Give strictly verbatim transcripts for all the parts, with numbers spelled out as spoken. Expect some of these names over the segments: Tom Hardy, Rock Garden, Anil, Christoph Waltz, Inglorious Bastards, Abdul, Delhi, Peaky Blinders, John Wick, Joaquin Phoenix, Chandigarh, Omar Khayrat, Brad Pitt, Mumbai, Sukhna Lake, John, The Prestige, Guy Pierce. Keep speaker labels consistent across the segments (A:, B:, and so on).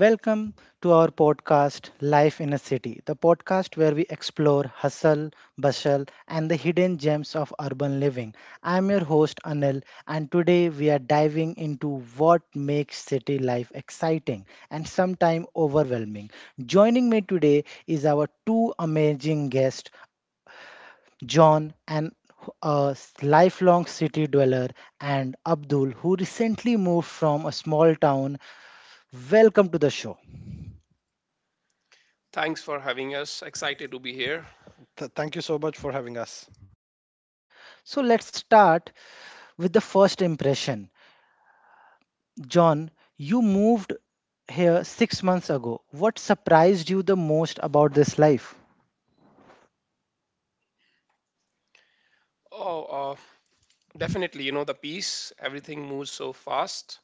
A: Welcome to our podcast, Life in a City, the podcast where we explore hustle, bustle, and the hidden gems of urban living. I'm your host, Anil, and today we are diving into what makes city life exciting and sometimes overwhelming. Joining me today is our two amazing guests, John and a lifelong city dweller, and Abdul, who recently moved from a small town. Welcome to the show.
B: Thanks for having us. Excited to be here.
C: Th- thank you so much for having us.
A: So let's start with the first impression. John, you moved here six months ago. What surprised you the most about this life?
B: Oh, uh, Definitely. You know, the peace, everything moves so fast.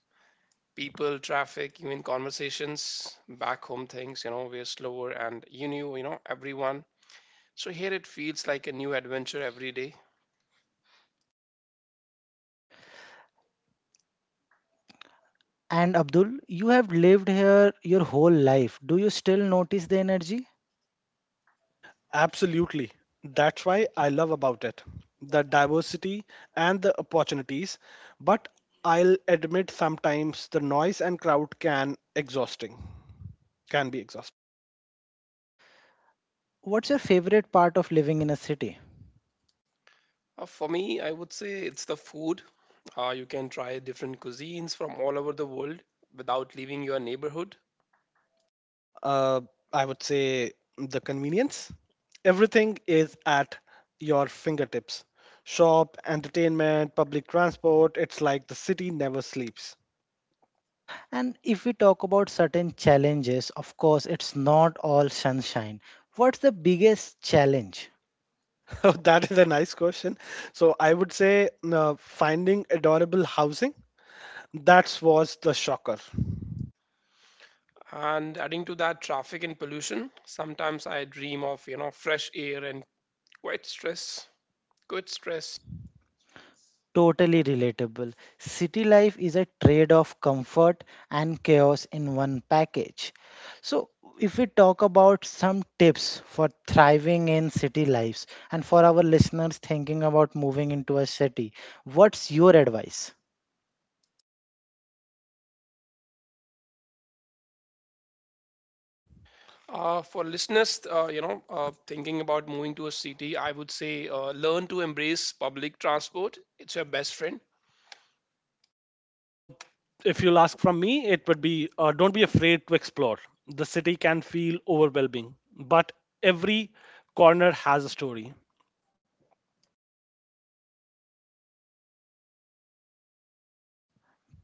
B: People, traffic, even conversations, back home things, you know, we're slower and you knew, you know, everyone. So here it feels like a new adventure every day.
A: And Abdul, you have lived here your whole life. Do you still notice the energy?
C: Absolutely. That's why I love about it the diversity and the opportunities. But I'll admit sometimes the noise and crowd can exhausting, can be exhausting.
A: What's your favorite part of living in a city?
B: Uh, for me, I would say it's the food. Uh, you can try different cuisines from all over the world without leaving your neighborhood.
C: Uh, I would say the convenience. Everything is at your fingertips. Shop, entertainment, public transport. It's like the city never sleeps.
A: And if we talk about certain challenges, of course, it's not all sunshine. What's the biggest challenge?
C: Oh, that is a nice question. So I would say uh, finding adorable housing. That was the shocker.
B: And adding to that, traffic and pollution. Sometimes I dream of, you know, fresh air and quiet stress. Good stress.
A: Totally relatable. City life is a trade of comfort and chaos in one package. So, if we talk about some tips for thriving in city lives and for our listeners thinking about moving into a city, what's your advice?
B: Uh, for listeners, uh, you know, uh, thinking about moving to a city, I would say uh, learn to embrace public transport. It's your best friend.
C: Uh, if you'll ask from me, it would be uh, don't be afraid to explore. The city can feel overwhelming, but every corner has a story.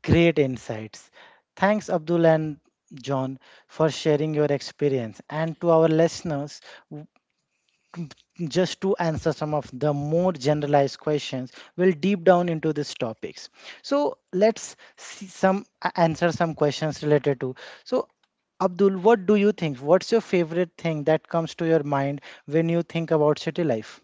A: Great insights. Thanks, Abdul and John, for sharing your experience. And to our listeners, just to answer some of the more generalized questions, we'll deep down into these topics. So let's see some a- answer some questions related to. So, Abdul, what do you think? What's your favorite thing that comes to your mind when you think about city life?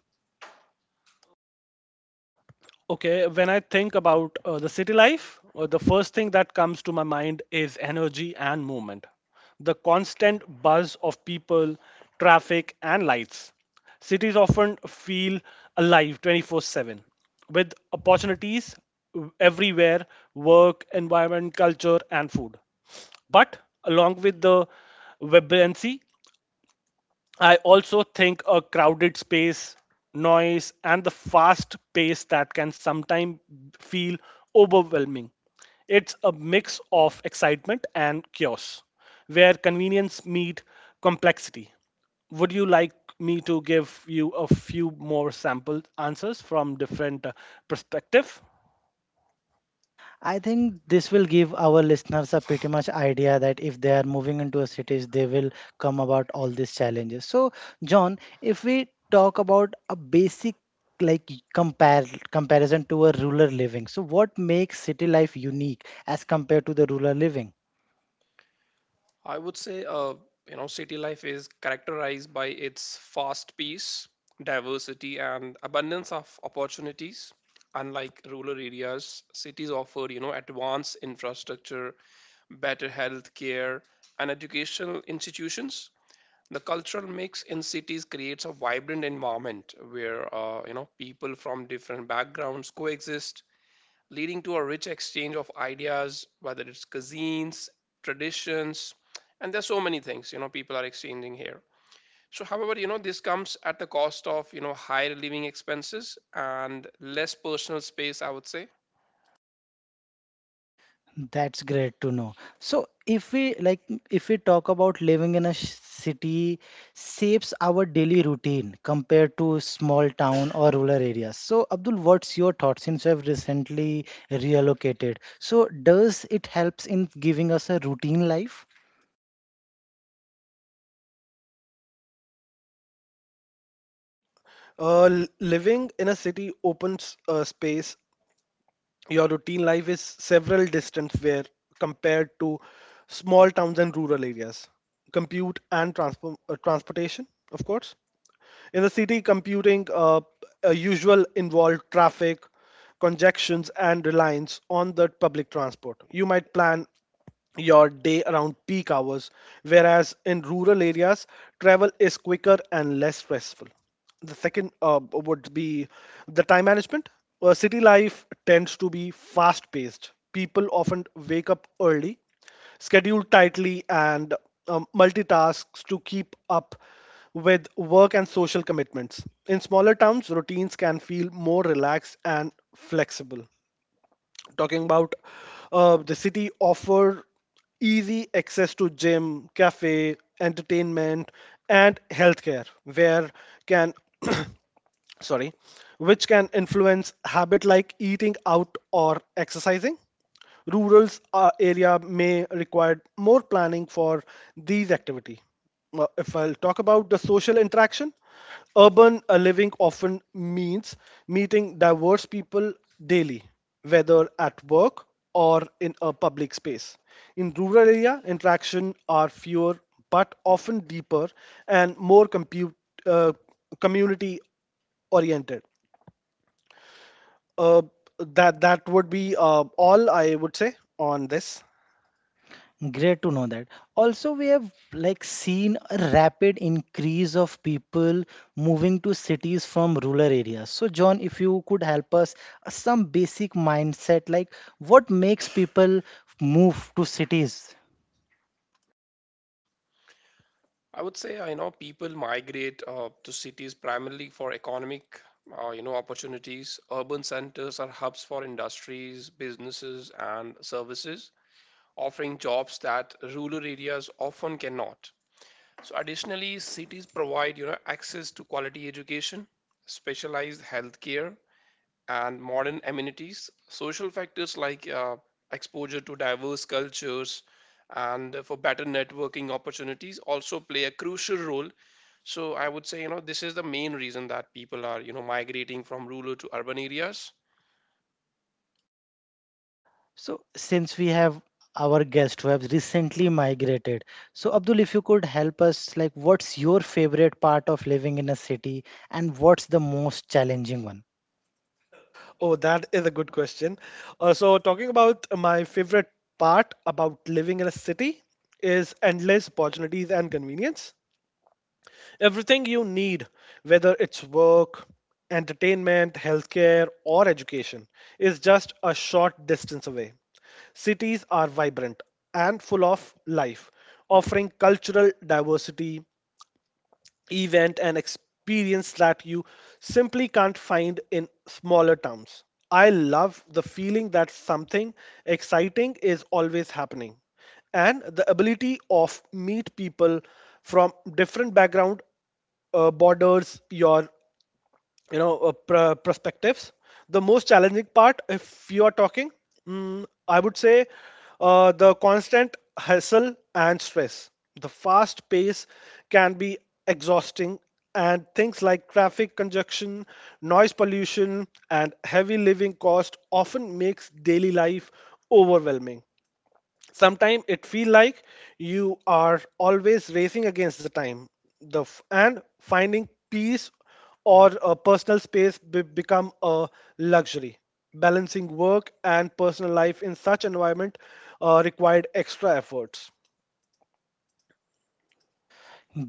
C: Okay, when I think about uh, the city life, uh, the first thing that comes to my mind is energy and movement. The constant buzz of people, traffic, and lights. Cities often feel alive twenty-four seven with opportunities everywhere work, environment, culture, and food. But along with the vibrancy I also think a crowded space, noise, and the fast pace that can sometimes feel overwhelming. It's a mix of excitement and chaos, where convenience meet complexity. Would you like me to give you a few more sample answers from different uh, perspective?
A: I think this will give our listeners a pretty much idea that if they are moving into a cities, they will come about all these challenges. So, John, if we talk about a basic like compare comparison to a rural living, so what makes city life unique as compared to the rural living?
B: I would say, uh, you know, city life is characterized by its fast pace, diversity, and abundance of opportunities. Unlike rural areas, cities offer, you know, advanced infrastructure, better health care, and educational institutions. The cultural mix in cities creates a vibrant environment where uh, you know people from different backgrounds coexist, leading to a rich exchange of ideas, whether it's cuisines, traditions, and there's so many things, you know people are exchanging here. So however, you know this comes at the cost of, you know higher living expenses and less personal space, I would say.
A: That's great to know. So if we like, if we talk about living in a sh- city shapes our daily routine compared to small town or rural areas. So Abdul, what's your thoughts since you have recently relocated? So does it helps in giving us a routine life?
C: Uh, l- living in a city opens uh, space, your routine life is several distance where compared to small towns and rural areas, compute and transpo- uh, transportation, of course, in the city computing uh, uh, usual involved traffic congestions and reliance on the public transport. You might plan your day around peak hours, whereas in rural areas, travel is quicker and less stressful. The second uh, would be the time management. Uh, city life tends to be fast paced. People often wake up early, schedule tightly, and um, multitasks to keep up with work and social commitments. In smaller towns, routines can feel more relaxed and flexible, talking about uh, the city offer easy access to gym, cafe, entertainment, and healthcare where can sorry, which can influence habit like eating out or exercising. Rural uh, area may require more planning for these activity. Uh, If I'll talk about the social interaction, urban uh, living often means meeting diverse people daily, whether at work or in a public space. In rural area, interaction are fewer but often deeper and more compute, uh, community oriented. Uh, that that would be uh, all I would say on this.
A: Great to know that. Also, we have like seen a rapid increase of people moving to cities from rural areas. So, John, if you could help us uh, some basic mindset, like what makes people move to cities?
B: I would say, uh, you know, people migrate uh, to cities primarily for economic, uh, you know, opportunities. Urban centers are hubs for industries, businesses, and services, offering jobs that rural areas often cannot. So additionally, cities provide, you know, access to quality education, specialized healthcare, and modern amenities. Social factors like uh, exposure to diverse cultures and uh, for better networking opportunities also play a crucial role. So I would say, you know, this is the main reason that people are, you know, migrating from rural to urban areas.
A: So, since we have our guest who have recently migrated, so Abdul, if you could help us, like what's your favorite part of living in a city and what's the most challenging one?
C: Oh, that is a good question. Uh, so talking about my favorite part about living in a city is endless opportunities and convenience. Everything you need, whether it's work, entertainment, healthcare, or education, is just a short distance away. Cities are vibrant and full of life, offering cultural diversity, event and experience that you simply can't find in smaller towns. I love the feeling that something exciting is always happening and the ability of meet people from different background uh, borders your, you know, uh, pr- perspectives. The most challenging part, if you are talking, mm, I would say, uh, the constant hustle and stress, the fast pace can be exhausting, and things like traffic congestion, noise pollution, and heavy living cost often makes daily life overwhelming. Sometimes it feel like you are always racing against the time, the f- and finding peace or a personal space be- become a luxury. Balancing work and personal life in such environment uh, required extra efforts.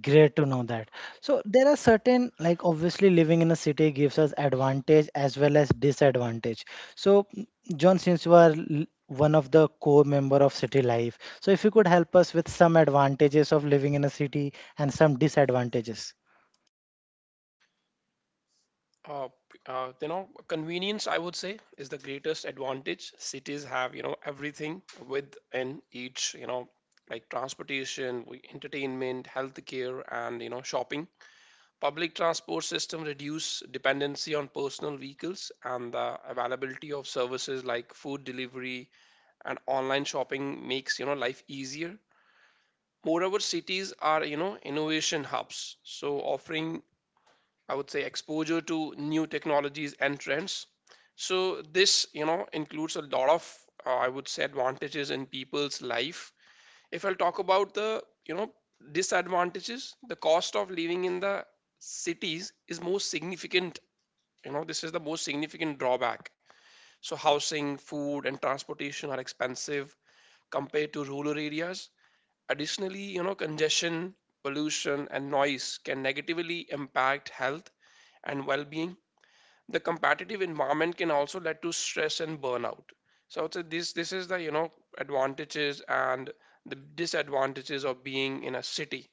A: Great to know that. So there are certain, like obviously living in a city gives us advantage as well as disadvantage. So m- John, since you are l- one of the core member of city life, so if you could help us with some advantages of living in a city and some disadvantages.
B: Uh, uh, you know, convenience, I would say, is the greatest advantage. Cities have, you know, everything within each, you know, like transportation, we- entertainment, healthcare, and, you know, shopping. Public transport system reduce dependency on personal vehicles, and the availability of services like food delivery and online shopping makes, you know, life easier. Moreover, cities are, you know, innovation hubs, so offering, I would say, exposure to new technologies and trends. So this, you know, includes a lot of, uh, I would say, advantages in people's life. If I'll talk about the, you know, disadvantages, the cost of living in the cities is most significant. You know, this is the most significant drawback. So housing, food, and transportation are expensive compared to rural areas. Additionally, you know, congestion, pollution, and noise can negatively impact health and well-being. The competitive environment can also lead to stress and burnout. So I would say this this is the, you know advantages and the disadvantages of being in a city.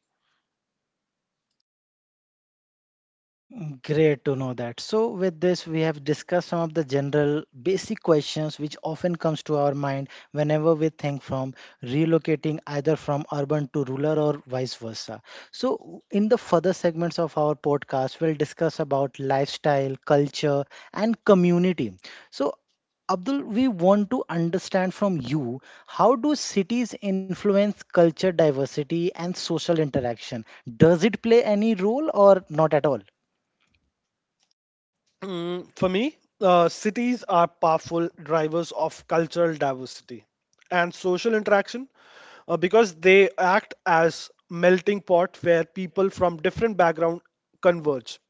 A: Great to know that. So with this, we have discussed some of the general basic questions which often comes to our mind whenever we think from relocating either from urban to rural or vice versa. So in the further segments of our podcast, we'll discuss about lifestyle, culture, and community. So Abdul, we want to understand from you, how do cities influence culture diversity and social interaction? Does it play any role or not at all?
C: Mm, for me, uh, cities are powerful drivers of cultural diversity and social interaction uh, because they act as melting pot where people from different background converge.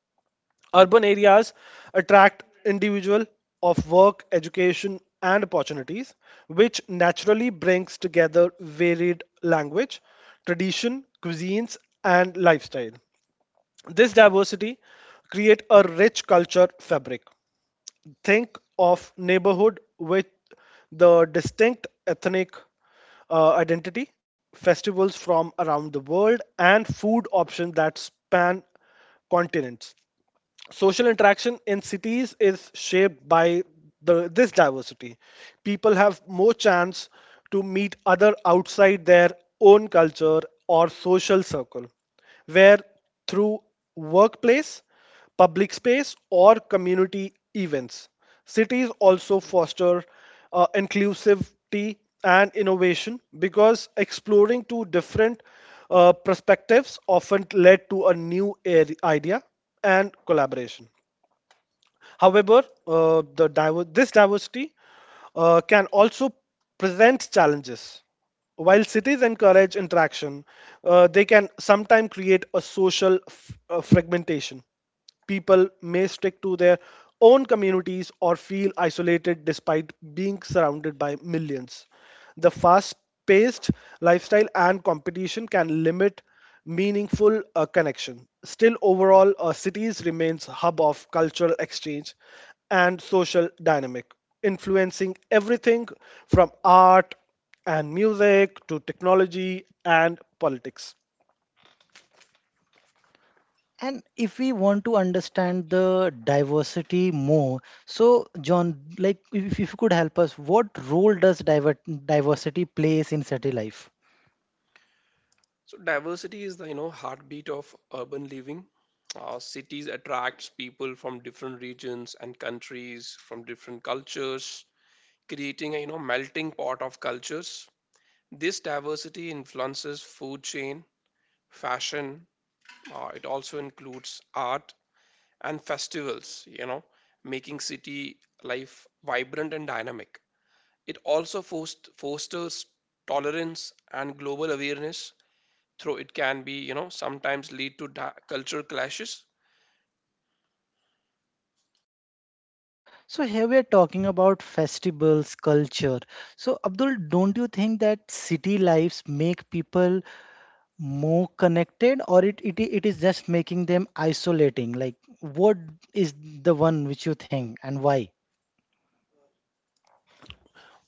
C: Urban areas attract individual of work, education, and opportunities, which naturally brings together varied language, tradition, cuisines, and lifestyle. This diversity create a rich culture fabric. Think of neighborhood with the distinct ethnic uh, identity, festivals from around the world, and food options that span continents. Social interaction in cities is shaped by the this diversity. People have more chance to meet other outside their own culture or social circle, where through workplace, public space, or community events, cities also foster uh, inclusivity and innovation because exploring two different uh, perspectives often led to a new area, idea, and collaboration. However, uh, the diver- this diversity uh, can also present challenges. While cities encourage interaction, uh, they can sometimes create a social f- uh, fragmentation. People may stick to their own communities or feel isolated despite being surrounded by millions. The fast paced lifestyle and competition can limit meaningful uh, connection. Still, overall, uh, cities remains hub of cultural exchange and social dynamic, influencing everything from art and music to technology and politics.
A: And if we want to understand the diversity more, so John, like if, if you could help us, what role does diver diversity plays in city life?
B: So diversity is the, you know heartbeat of urban living. Uh, cities attracts people from different regions and countries, from different cultures, creating a, you know melting pot of cultures. This diversity influences food chain, fashion, uh, it also includes art and festivals, you know, making city life vibrant and dynamic. It also fost- fosters tolerance and global awareness, though it can be, you know, sometimes lead to di- cultural clashes.
A: So here we are talking about festivals, culture. So Abdul, don't you think that city lives make people more connected, or it, it it is just making them isolating? Like, what is the one which you think, and why?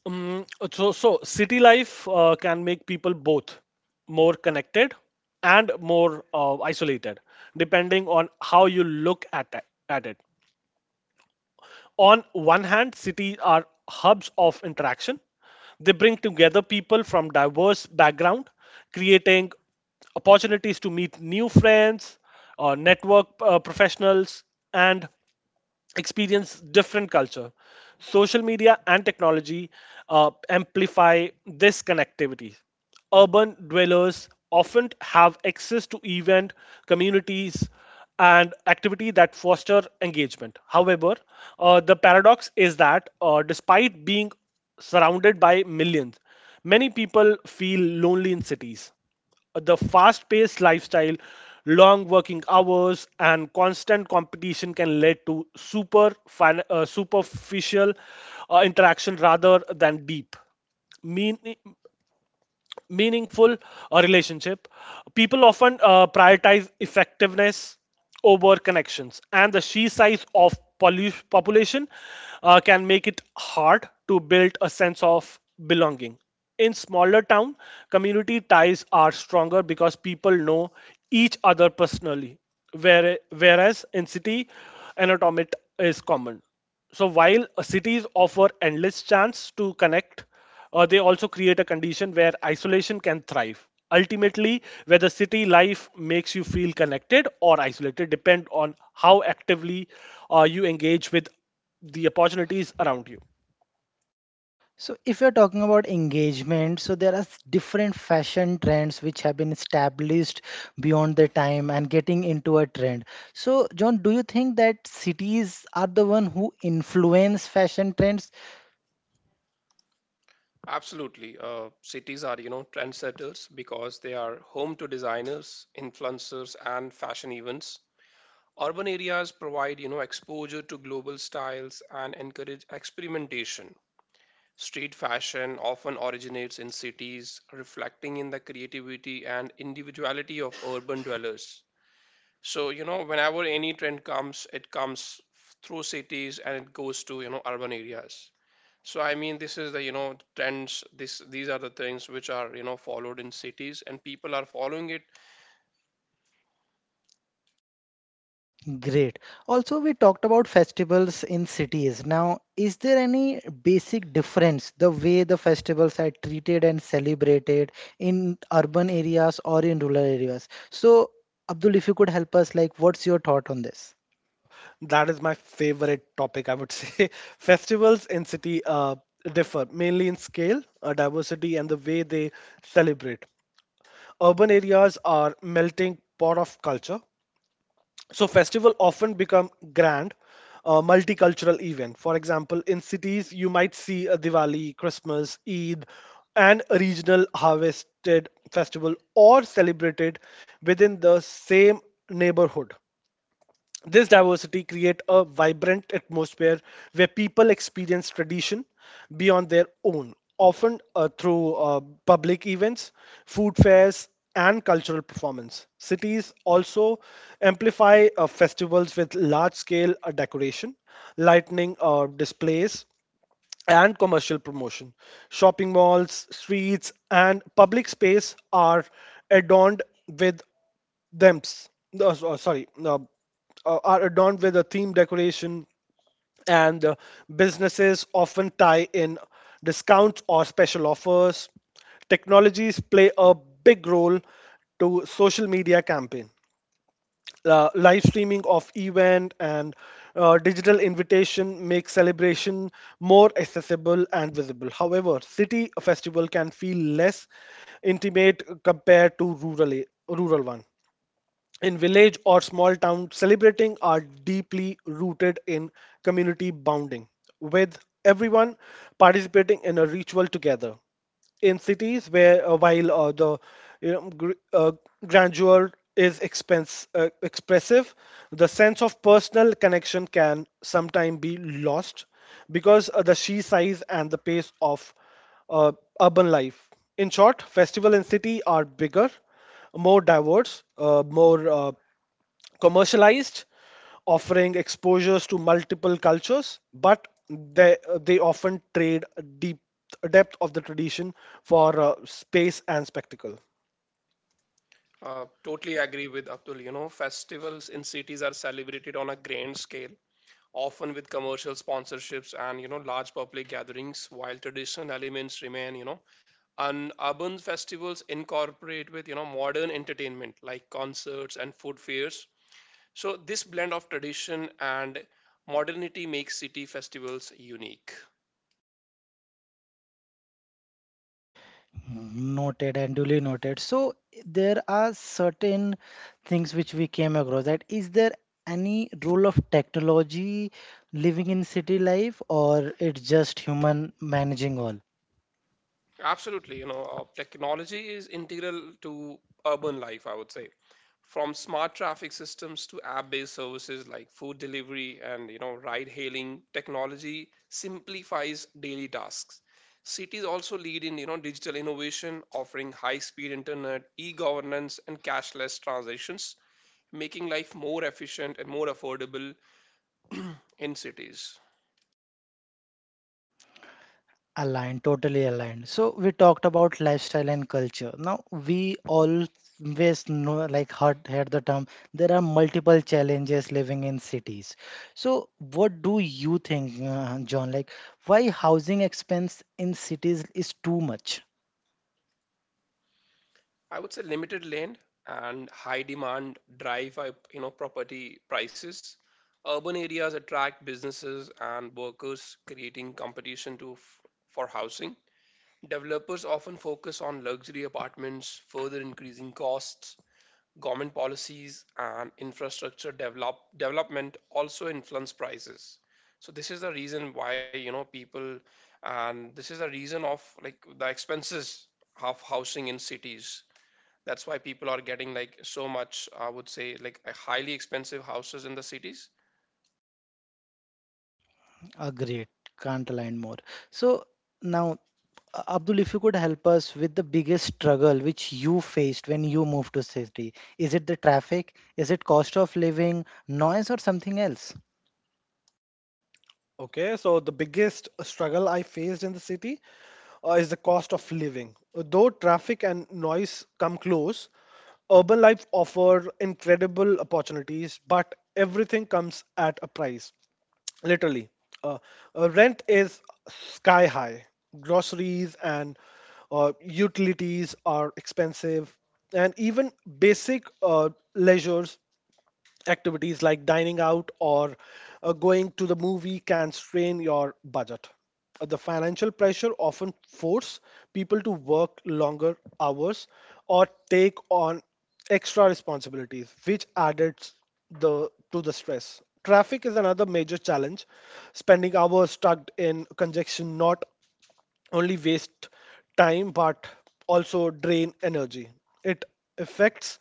C: Um, so, so city life uh, can make people both more connected and more uh, isolated, depending on how you look at it- at it. On one hand, cities are hubs of interaction. They bring together people from diverse backgrounds, creating opportunities to meet new friends, uh, network uh, professionals, and experience different culture. Social media and technology uh, amplify this connectivity. Urban dwellers often have access to event, communities, and activity that foster engagement. However, uh, the paradox is that uh, despite being surrounded by millions, many people feel lonely in cities. The fast paced lifestyle, long working hours, and constant competition can lead to super fin- uh, superficial uh, interaction rather than deep. Mean- Meaningful uh, relationship. People often uh, prioritize effectiveness over connections, and the sheer size of polu- population uh, can make it hard to build a sense of belonging. In smaller town, community ties are stronger because people know each other personally, where, whereas in city, anatomy is common. So while cities offer endless chance to connect, uh, they also create a condition where isolation can thrive. Ultimately, whether city life makes you feel connected or isolated depend on how actively uh, you engage with the opportunities around you.
A: So, if you're talking about engagement, so there are s- different fashion trends which have been established beyond their time and getting into a trend. So, John, do you think that cities are the one who influence fashion trends?
B: Absolutely. Uh, cities are, you know, trendsetters because they are home to designers, influencers, and fashion events. Urban areas provide, you know, exposure to global styles and encourage experimentation. Street fashion often originates in cities, reflecting in the creativity and individuality of urban dwellers. So, you know, whenever any trend comes, it comes through cities and it goes to, you know, urban areas. So, I mean, this is the, you know, trends, this these are the things which are, you know, followed in cities and people are following it.
A: Great. Also, we talked about festivals in cities. Now, is there any basic difference the way the festivals are treated and celebrated in urban areas or in rural areas? So, Abdul, if you could help us, like, what's your thought on this?
C: Uh, that is my favorite topic, I would say. Festivals in city uh, differ mainly in scale, uh, diversity, and the way they celebrate. Urban areas are melting pot of culture, so festival often become grand uh, multicultural event. For example, in cities you might see a Diwali, Christmas, Eid, and a regional harvested festival or celebrated within the same neighborhood. This diversity creates a vibrant atmosphere where people experience tradition beyond their own, often uh, through uh, public events, food fairs, and cultural performance. Cities also amplify uh, festivals with large scale decoration, lightning uh, displays, and commercial promotion. Shopping malls, streets, and public space are adorned with them. No, so- sorry, no, uh, are adorned with a theme decoration, and uh, businesses often tie in discounts or special offers. Technologies play a big role to social media campaign, uh, live streaming of event, and uh, digital invitation make celebration more accessible and visible. However, city festival can feel less intimate compared to rural a- rural one. In village or small town, celebrating are deeply rooted in community bonding with everyone participating in a ritual together. In cities where uh, while uh, the, you know, gr- uh, grandeur is expense uh, expressive, the sense of personal connection can sometimes be lost because of the sheer size and the pace of uh, urban life. In short, festival and city are bigger, more diverse, uh, more uh, commercialized, offering exposures to multiple cultures, but they uh, they often trade deep depth of the tradition for uh, space and spectacle.
B: Uh, totally agree with Abdul. You know, festivals in cities are celebrated on a grand scale, often with commercial sponsorships and, you know, large public gatherings, while traditional elements remain, you know. And urban festivals incorporate with, you know, modern entertainment like concerts and food fairs. So this blend of tradition and modernity makes city festivals unique.
A: Noted and duly noted. So there are certain things which we came across, that is, there any role of technology living in city life or it's just human managing all?
B: Absolutely, you know, uh, technology is integral to urban life, I would say. From smart traffic systems to app-based services like food delivery and, you know, ride-hailing, technology simplifies daily tasks. Cities also lead in, you know, digital innovation, offering high-speed internet, e-governance, and cashless transactions, making life more efficient and more affordable in cities.
A: Aligned, totally aligned. So we talked about lifestyle and culture. Now we always know, like heard, heard the term, there are multiple challenges living in cities. So what do you think, uh, John? Like why housing expense in cities is too much?
B: I would say limited land and high demand drive up, you know, property prices. Urban areas attract businesses and workers, creating competition to f- for housing. Developers often focus on luxury apartments, further increasing costs. Government policies and infrastructure develop development also influence prices. So this is the reason why, you know, people, and this is the reason of like the expenses of housing in cities, that's why people are getting like so much, I would say, like highly expensive houses in the cities.
A: Agreed. Can't align more. So now, uh, Abdul, if you could help us with the biggest struggle which you faced when you moved to city, is it the traffic? Is it cost of living, noise, or something else?
C: Okay, so the biggest struggle I faced in the city uh, is the cost of living. Though traffic and noise come close, urban life offers incredible opportunities, but everything comes at a price. Literally, uh, uh, rent is sky high, groceries and uh, utilities are expensive, and even basic uh, leisure activities like dining out or uh, going to the movie can strain your budget. Uh, The financial pressure often force people to work longer hours or take on extra responsibilities, which adds the to the stress. Traffic is another major challenge. Spending hours stuck in congestion, not only waste time but also drain energy. It affects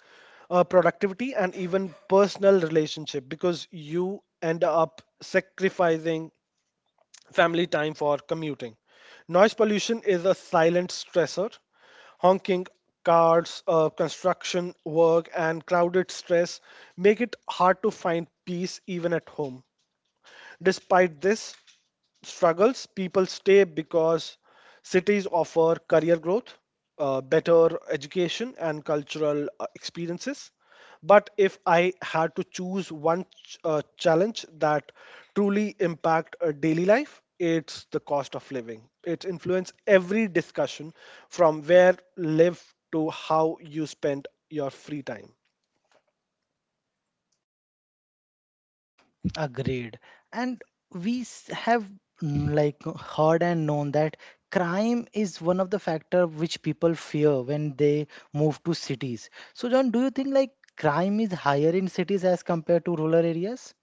C: uh, productivity and even personal relationship because you end up sacrificing family time for commuting. Noise pollution is a silent stressor. Honking cars, uh, construction work, and crowded stress make it hard to find peace even at home. Despite this struggles, people stay because cities offer career growth, uh, better education, and cultural uh, experiences. But if I had to choose one ch- uh, challenge that truly impact a daily life, it's the cost of living. It influences every discussion from where live to how you spend your free time.
A: Agreed. And we s- have mm, like heard and known that crime is one of the factor which people fear when they move to cities. So John, do you think like crime is higher in cities as compared to rural areas?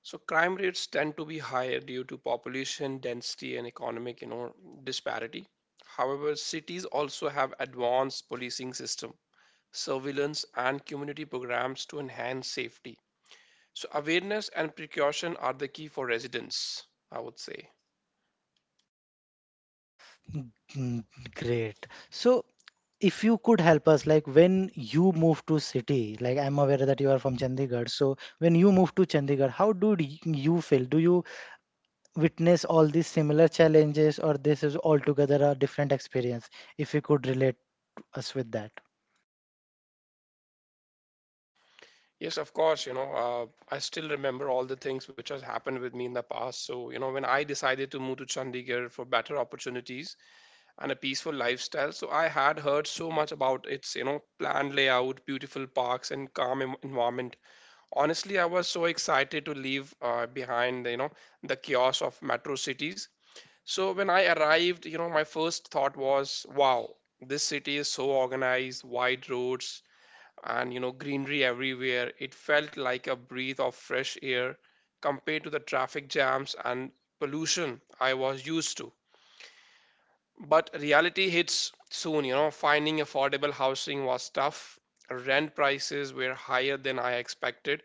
B: So crime rates tend to be higher due to population density and economic, you know, disparity. However, cities also have advanced policing system, surveillance, and community programs to enhance safety. So awareness and precaution are the key for residents, I would say.
A: Mm, great. So if you could help us, like when you move to city, like I'm aware that you are from Chandigarh. So when you move to Chandigarh, how do y- you feel? Do you witness all these similar challenges or this is altogether a different experience, if you could relate us with that.
B: Yes, of course. You know, uh, I still remember all the things which has happened with me in the past. So, you know, when I decided to move to Chandigarh for better opportunities and a peaceful lifestyle, so I had heard so much about its, you know, planned layout, beautiful parks, and calm en- environment. Honestly, I was so excited to leave uh, behind, you know, the chaos of metro cities. So when I arrived, you know, my first thought was, wow, this city is so organized, wide roads, and you know greenery everywhere. It felt like a breath of fresh air compared to the traffic jams and pollution I was used to. But reality hits soon. You know finding affordable housing was tough. Rent prices were higher than I expected.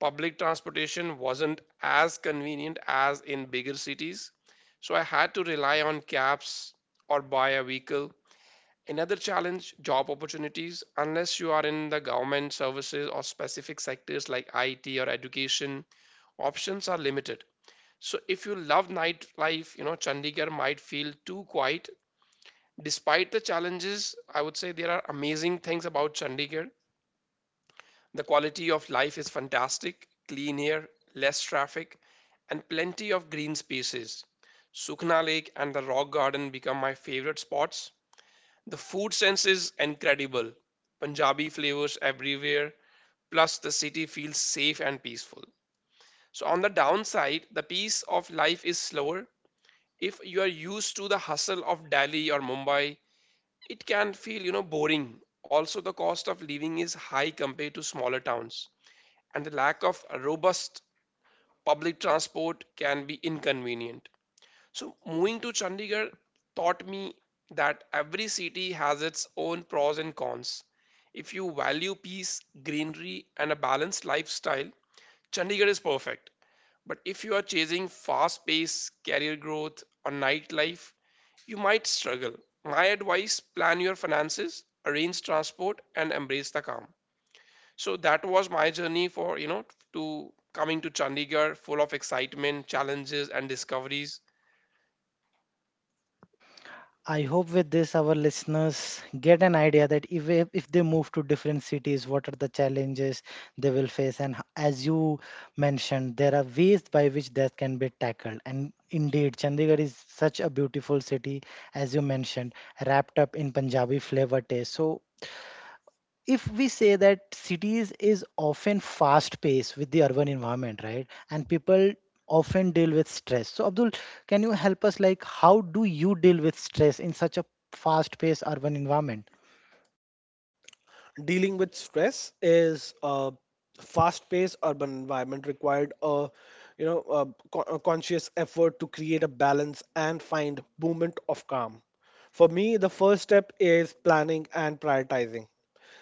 B: Public transportation wasn't as convenient as in bigger cities, so I had to rely on cabs or buy a vehicle. Another challenge, job opportunities. Unless you are in the government services or specific sectors like I T or education, options are limited. So, if you love nightlife, you know, Chandigarh might feel too quiet. Despite the challenges, I would say there are amazing things about Chandigarh. The quality of life is fantastic, clean air, less traffic, and plenty of green spaces. Sukhna Lake and the Rock Garden become my favorite spots. The food sense is incredible. Punjabi flavors everywhere, plus the city feels safe and peaceful. So, on the downside, the pace of life is slower. If you are used to the hustle of Delhi or Mumbai, it can feel, you know, boring. Also, the cost of living is high compared to smaller towns, and the lack of robust public transport can be inconvenient. So, moving to Chandigarh taught me that every city has its own pros and cons. If you value peace, greenery, and a balanced lifestyle, Chandigarh is perfect. But if you are chasing fast pace, career growth, or nightlife, you might struggle. My advice, plan your finances, arrange transport, and embrace the calm. So, that was my journey for, you know, to coming to Chandigarh, full of excitement, challenges, and discoveries.
A: I hope with this our listeners get an idea that if if they move to different cities what are the challenges they will face, and h- as you mentioned there are ways by which that can be tackled. And indeed Chandigarh is such a beautiful city, as you mentioned, wrapped up in Punjabi flavor taste. So if we say that cities is often fast paced with the urban environment, right, and people often deal with stress, so Abdul, can you help us, like how do you deal with stress in such a fast paced urban environment?
C: Dealing with stress is a fast-paced urban environment required a, you know, a, co- a conscious effort to create a balance and find moment of calm. For me, the first step is planning and prioritizing.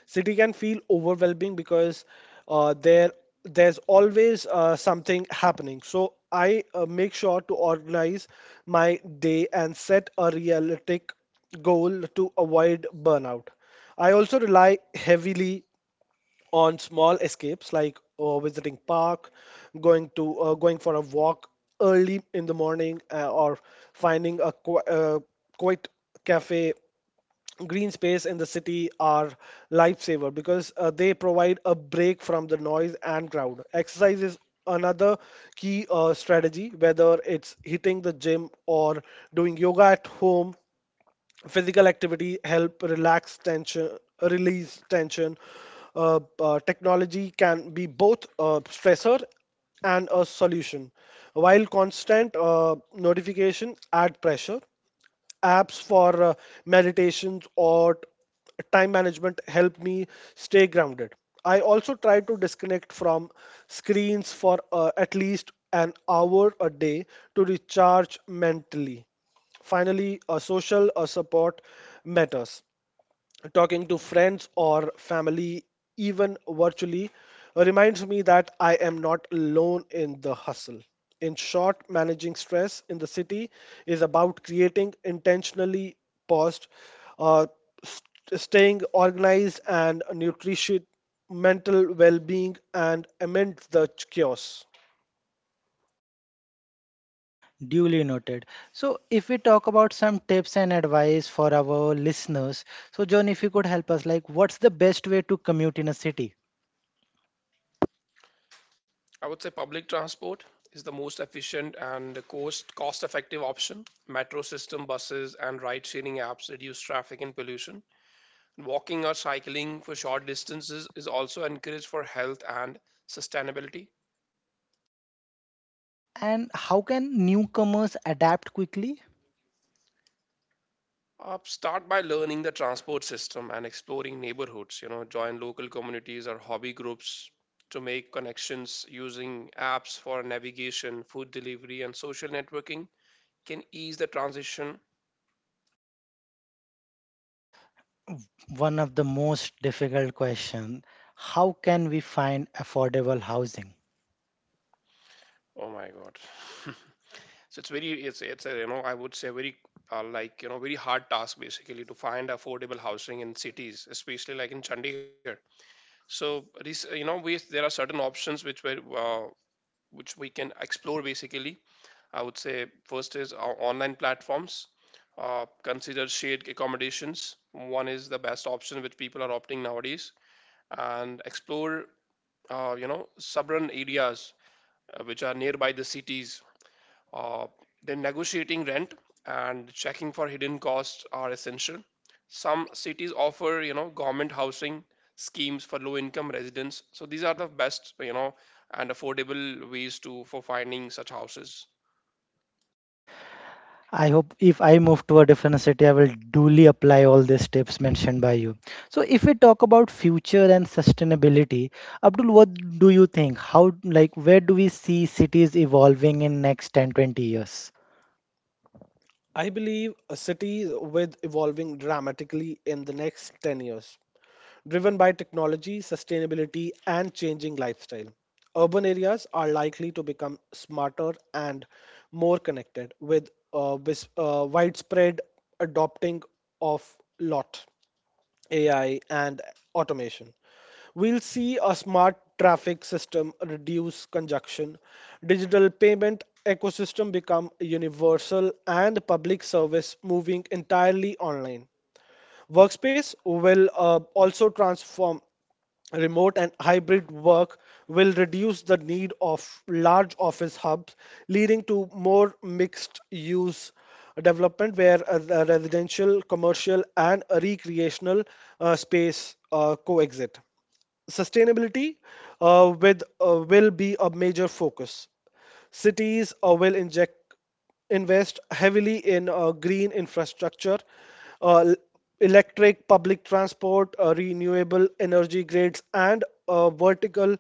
C: City can feel overwhelming because uh, there there's always uh, something happening, so I uh, make sure to organize my day and set a realistic goal to avoid burnout. I also rely heavily on small escapes like uh, visiting park, going to uh, going for a walk early in the morning, uh, or finding a qu- uh, quiet cafe. Green space in the city are lifesaver because uh, they provide a break from the noise and crowd. Exercise is another key uh, strategy, whether it's hitting the gym or doing yoga at home. Physical activity help relax tension release tension. Uh, uh, technology can be both a stressor and a solution. While constant uh, notification add pressure, apps for uh, meditations or t- time management help me stay grounded. I also try to disconnect from screens for uh, at least an hour a day to recharge mentally. Finally, uh, social uh, support matters. Talking to friends or family, even virtually, reminds me that I am not alone in the hustle. In short, managing stress in the city is about creating intentionally paused, uh, st- staying organized and nutritious mental well being and amid the chaos.
A: Duly noted. So if we talk about some tips and advice for our listeners, so John, if you could help us, like what's the best way to commute in a city?
B: I would say public transport is the most efficient and the cost cost effective option. Metro system, buses, and ride sharing apps reduce traffic and pollution. Walking or cycling for short distances is also encouraged for health and sustainability.
A: And how can newcomers adapt quickly?
B: Uh, start by learning the transport system and exploring neighborhoods. You know, join local communities or hobby groups to make connections, using apps for navigation, food delivery, and social networking can ease the transition.
A: One of the most difficult question: how can we find affordable housing?
B: Oh my god. So it's very it's it's a, you know I would say very uh, like you know very hard task basically to find affordable housing in cities, especially like in Chandigarh. So this, you know we, there are certain options which were uh, which we can explore basically. I would say first is our online platforms. Uh, consider shared accommodations. One is the best option which people are opting nowadays, and explore uh, you know suburban areas uh, which are nearby the cities, uh, then negotiating rent and checking for hidden costs are essential. Some cities offer, you know, government housing schemes for low-income residents. So these are the best, you know, and affordable ways to for finding such houses.
A: I hope if I move to a different city I will duly apply all these tips mentioned by you. So if we talk about future and sustainability, Abdul, what do you think, how, like where do we see cities evolving in next ten, twenty years?
C: I believe a city with evolving dramatically in the next ten years, driven by technology, sustainability, and changing lifestyle. Urban areas are likely to become smarter and more connected with uh, vis- uh, widespread adopting of lot. A I, and automation. We'll see a smart traffic system reduce congestion, digital payment ecosystem become universal, and public service moving entirely online. Workspace will uh, also transform. Remote and hybrid work will reduce the need of large office hubs, leading to more mixed use development where uh, the residential, commercial, and recreational uh, space uh, coexist. Sustainability uh, with, uh, will be a major focus. Cities uh, will inject invest heavily in uh, green infrastructure, uh, l- electric public transport, uh, renewable energy grids, and uh, vertical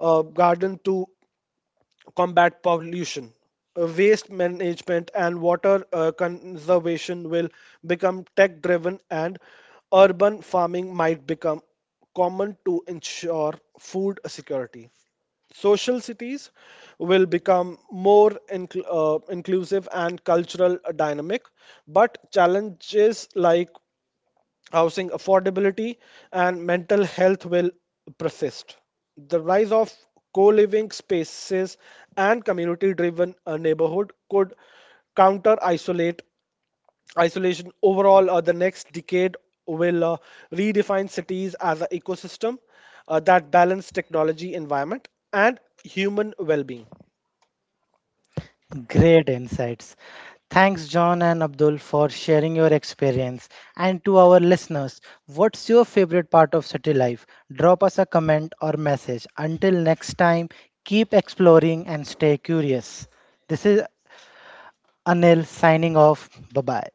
C: uh, garden to combat pollution, uh, waste management, and water uh, conservation will become tech driven, and urban farming might become common to ensure food security. Social cities will become more incl- uh, inclusive and cultural dynamic, but challenges like housing affordability and mental health will persist. The rise of co living spaces and community driven neighborhood could counter isolate isolation. Overall, uh, the next decade will uh, redefine cities as an ecosystem uh, that balance technology environment and human well-being.
A: Great insights. Thanks, John and Abdul, for sharing your experience. And to our listeners, what's your favorite part of city life? Drop us a comment or message. Until next time, keep exploring and stay curious. This is Anil signing off. Bye bye.